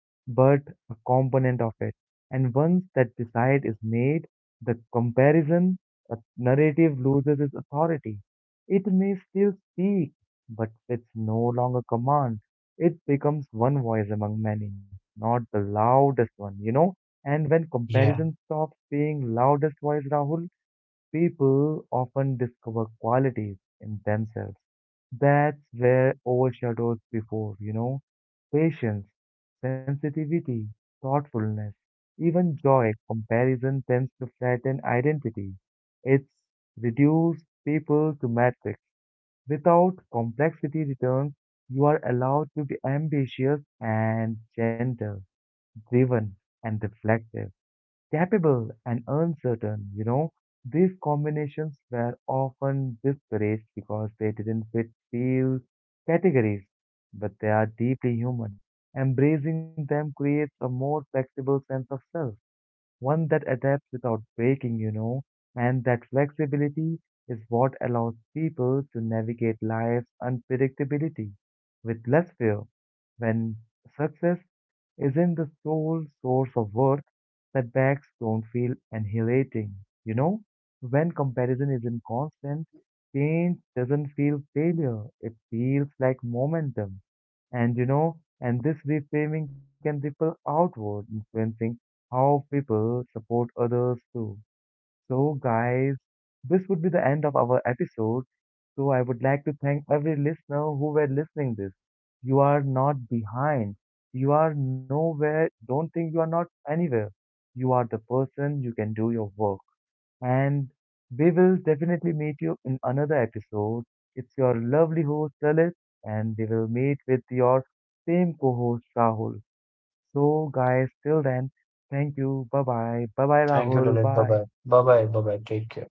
but a component of it. And once that decide is made, the comparison, the narrative loses its authority. It may still speak, but it's no longer command. It becomes one voice among many, not the loudest one, you know. And when
Yeah.
comparison stops being loudest voice, Rahul, people often discover qualities in themselves that were overshadowed before, you know, patience, sensitivity, thoughtfulness, even joy. Comparison tends to flatten identity. It's reduced people to matrix. Without complexity returns, you are allowed to be ambitious and gentle, driven and reflective, capable and uncertain, you know. These combinations were often discouraged because they didn't fit few categories, but they are deeply human. Embracing them creates a more flexible sense of self, one that adapts without breaking, you know, and that flexibility is what allows people to navigate life's unpredictability with less fear. When success isn't the sole source of worth, setbacks don't feel annihilating, you know? When comparison isn't constant, change doesn't feel failure, it feels like momentum. And you know, and this reframing can ripple outward, influencing how people support others too. So, guys, this would be the end of our episode. So, I would like to thank every listener who were listening this. You are not behind. You are nowhere. Don't think you are not anywhere. You are the person. You can do your work and we will definitely meet you in another episode. It's your lovely host, Lalit, and we will meet with your same co host, Rahul. So, guys, till then, thank you. Bye bye. Bye bye,
Thank you,
Rahul.
Lalit. Bye
Bye.
bye. Bye bye. Bye bye. Take care.